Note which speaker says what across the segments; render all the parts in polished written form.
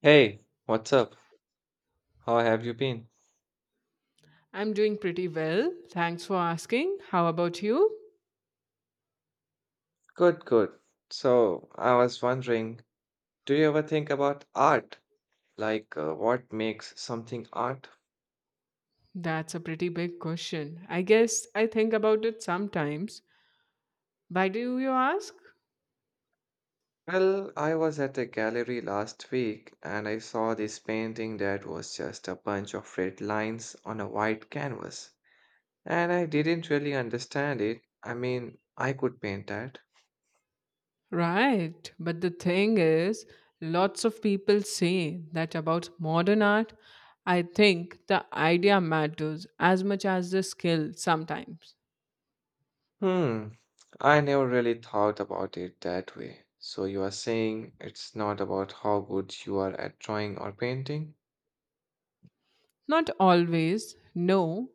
Speaker 1: Hey, what's up? How have you been?
Speaker 2: I'm doing pretty well. Thanks for asking. How about you?
Speaker 1: Good, good. So, I was wondering, do you ever think about art? Like, what makes something art?
Speaker 2: That's a pretty big question. I guess I think about it sometimes. Why do you ask?
Speaker 1: Well, I was at a gallery last week and I saw this painting that was just a bunch of red lines on a white canvas. And I didn't really understand it. I mean, I could paint that.
Speaker 2: Right. But the thing is, lots of people say that about modern art. I think the idea matters as much as the skill sometimes.
Speaker 1: Hmm, I never really thought about it that way. So you are saying it's not about how good you are at drawing or painting?
Speaker 2: Not always, no.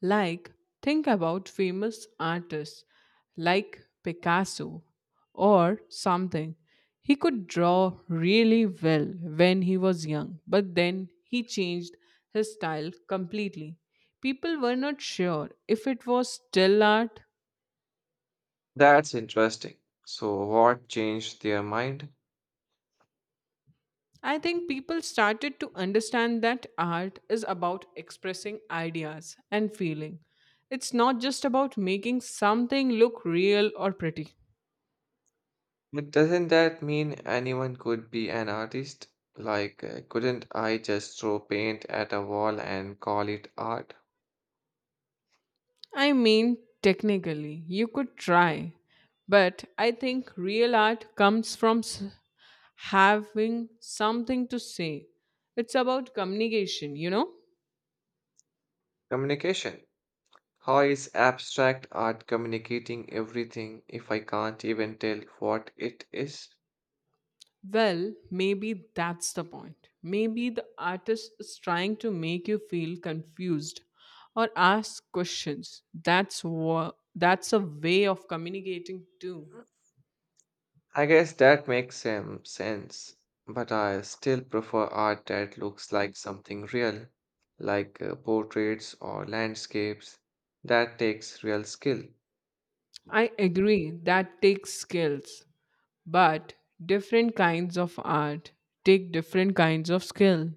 Speaker 2: Like, think about famous artists like Picasso or something. He could draw really well when he was young, but then he changed his style completely. People were not sure if it was still art.
Speaker 1: That's interesting. So what changed their mind?
Speaker 2: I think people started to understand that art is about expressing ideas and feeling. It's not just about making something look real or pretty.
Speaker 1: But doesn't that mean anyone could be an artist? Like, couldn't I just throw paint at a wall and call it art?
Speaker 2: I mean, technically, you could try, but I think real art comes from having something to say. It's about communication, you know?
Speaker 1: Communication. How is abstract art communicating everything if I can't even tell what it is?
Speaker 2: Well, maybe that's the point. Maybe the artist is trying to make you feel confused or ask questions. That's a way of communicating too.
Speaker 1: I guess that makes some sense, but I still prefer art that looks like something real, like portraits or landscapes. That takes real skill.
Speaker 2: I agree that takes skills, but different kinds of art take different kinds of skill.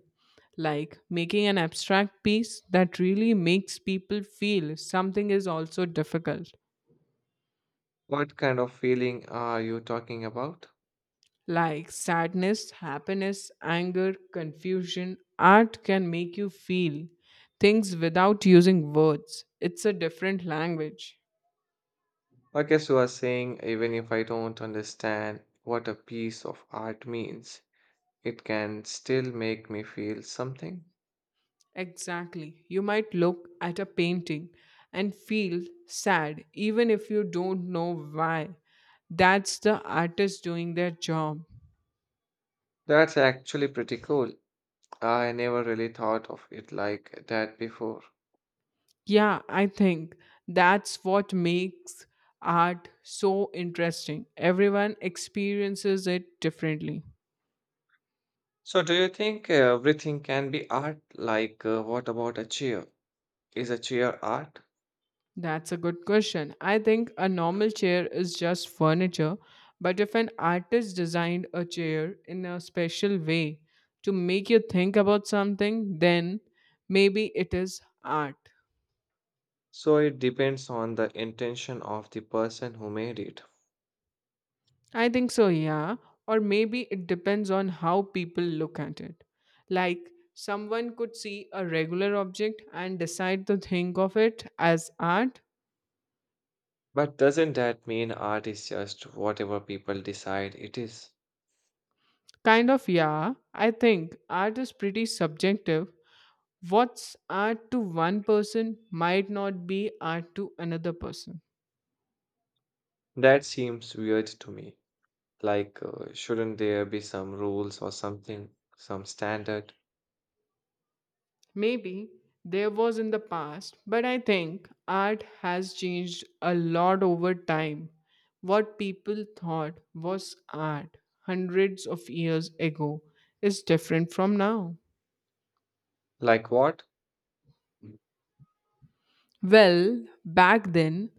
Speaker 2: Like making an abstract piece that really makes people feel something is also difficult.
Speaker 1: What kind of feeling are you talking about?
Speaker 2: Like sadness, happiness, anger, confusion. Art can make you feel things without using words. It's a different language.
Speaker 1: Okay, so I was saying, even if I don't understand what a piece of art means, it can still make me feel something.
Speaker 2: Exactly. You might look at a painting and feel sad, even if you don't know why. That's the artist doing their job.
Speaker 1: That's actually pretty cool. I never really thought of it like that before.
Speaker 2: Yeah, I think that's what makes art so interesting. Everyone experiences it differently.
Speaker 1: So, do you think everything can be art? Like, what about a chair? Is a chair art?
Speaker 2: That's a good question. I think a normal chair is just furniture, but if an artist designed a chair in a special way to make you think about something, then maybe it is art.
Speaker 1: So, it depends on the intention of the person who made it.
Speaker 2: I think so, yeah. Or maybe it depends on how people look at it. Like, someone could see a regular object and decide to think of it as art.
Speaker 1: But doesn't that mean art is just whatever people decide it is?
Speaker 2: Kind of, yeah. I think art is pretty subjective. What's art to one person might not be art to another person.
Speaker 1: That seems weird to me. Like, shouldn't there be some rules or something, some standard?
Speaker 2: Maybe there was in the past, but I think art has changed a lot over time. What people thought was art hundreds of years ago is different from now.
Speaker 1: Like what? Mm.
Speaker 2: Well, back then,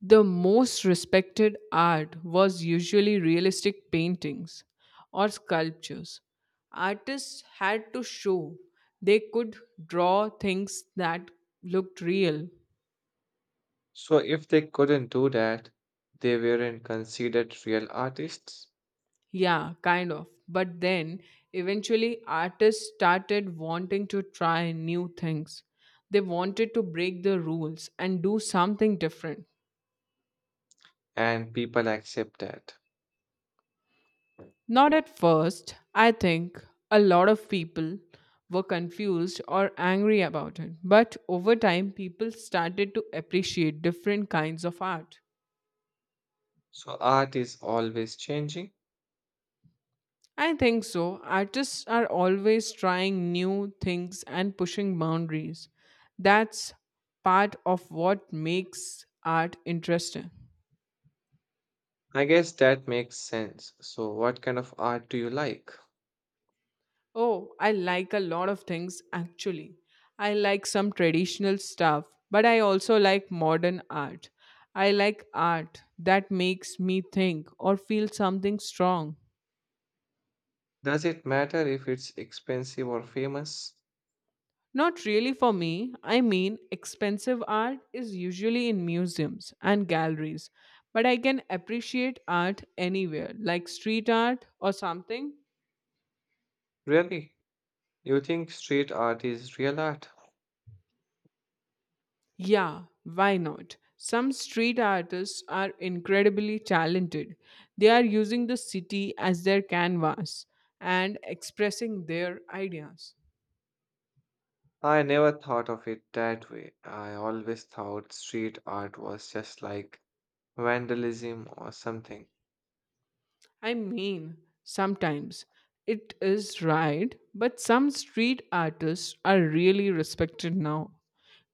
Speaker 2: the most respected art was usually realistic paintings or sculptures. Artists had to show they could draw things that looked real.
Speaker 1: So, if they couldn't do that, they weren't considered real artists?
Speaker 2: Yeah, kind of. But then, eventually, artists started wanting to try new things. They wanted to break the rules and do something different.
Speaker 1: And people accept that.
Speaker 2: Not at first. I think a lot of people were confused or angry about it. But over time, people started to appreciate different kinds of art.
Speaker 1: So art is always changing.
Speaker 2: I think so. Artists are always trying new things and pushing boundaries. That's part of what makes art interesting.
Speaker 1: I guess that makes sense. So what kind of art do you like?
Speaker 2: Oh, I like a lot of things actually. I like some traditional stuff, but I also like modern art. I like art that makes me think or feel something strong.
Speaker 1: Does it matter if it's expensive or famous?
Speaker 2: Not really for me. I mean, expensive art is usually in museums and galleries, but I can appreciate art anywhere, like street art or something.
Speaker 1: Really? You think street art is real art?
Speaker 2: Yeah, why not? Some street artists are incredibly talented. They are using the city as their canvas and expressing their ideas.
Speaker 1: I never thought of it that way. I always thought street art was just like vandalism or something.
Speaker 2: I mean, sometimes it is right, but some street artists are really respected now.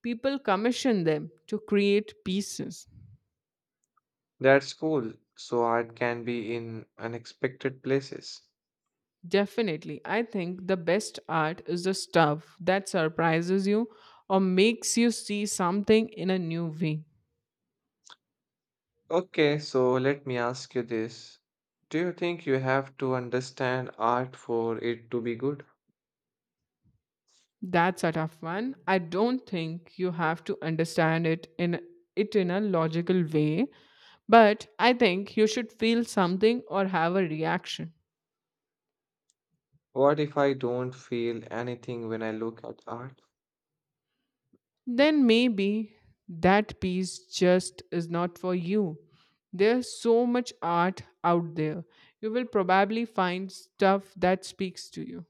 Speaker 2: People commission them to create pieces.
Speaker 1: That's cool. So art can be in unexpected places.
Speaker 2: Definitely, I think the best art is the stuff that surprises you or makes you see something in a new way.
Speaker 1: Okay, so let me ask you this. Do you think you have to understand art for it to be good?
Speaker 2: That's a tough one. I don't think you have to understand it in a logical way, but I think you should feel something or have a reaction.
Speaker 1: What if I don't feel anything when I look at art?
Speaker 2: Then maybe that piece just is not for you. There's so much art out there. You will probably find stuff that speaks to you.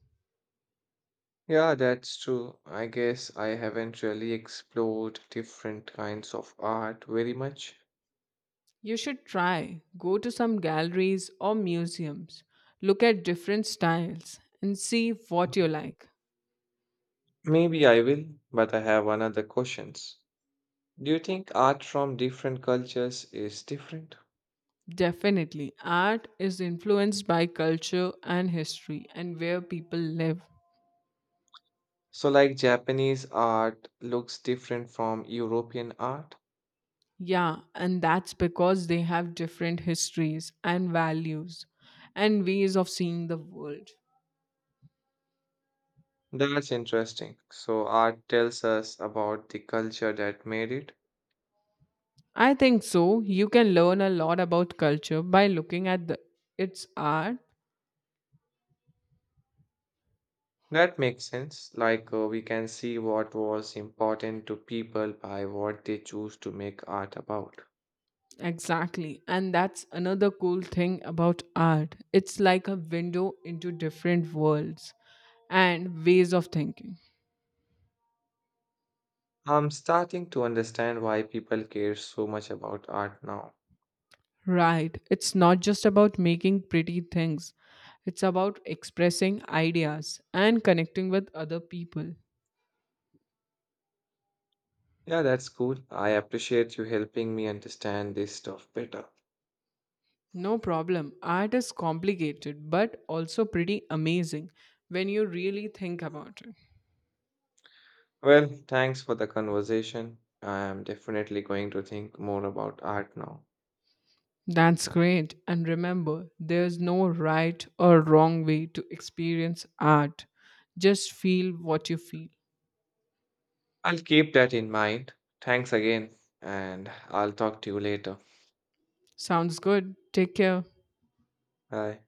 Speaker 1: Yeah, that's true. I guess I haven't really explored different kinds of art very much.
Speaker 2: You should try. Go to some galleries or museums. Look at different styles and see what you like.
Speaker 1: Maybe I will, but I have another questions. Do you think art from different cultures is different?
Speaker 2: Definitely. Art is influenced by culture and history and where people live.
Speaker 1: So like Japanese art looks different from European art?
Speaker 2: Yeah, and that's because they have different histories and values and ways of seeing the world.
Speaker 1: That's interesting. So art tells us about the culture that made it.
Speaker 2: I think so. You can learn a lot about culture by looking at its art.
Speaker 1: That makes sense. Like we can see what was important to people by what they choose to make art about.
Speaker 2: Exactly. And that's another cool thing about art. It's like a window into different worlds and ways of thinking.
Speaker 1: I'm starting to understand why people care so much about art now.
Speaker 2: Right. It's not just about making pretty things, it's about expressing ideas and connecting with other people.
Speaker 1: Yeah, that's cool. I appreciate you helping me understand this stuff better.
Speaker 2: No problem. Art is complicated, but also pretty amazing when you really think about it.
Speaker 1: Well, thanks for the conversation. I'm definitely going to think more about art now.
Speaker 2: That's great. And remember, there's no right or wrong way to experience art. Just feel what you feel.
Speaker 1: I'll keep that in mind. Thanks again, and I'll talk to you later.
Speaker 2: Sounds good. Take care.
Speaker 1: Bye.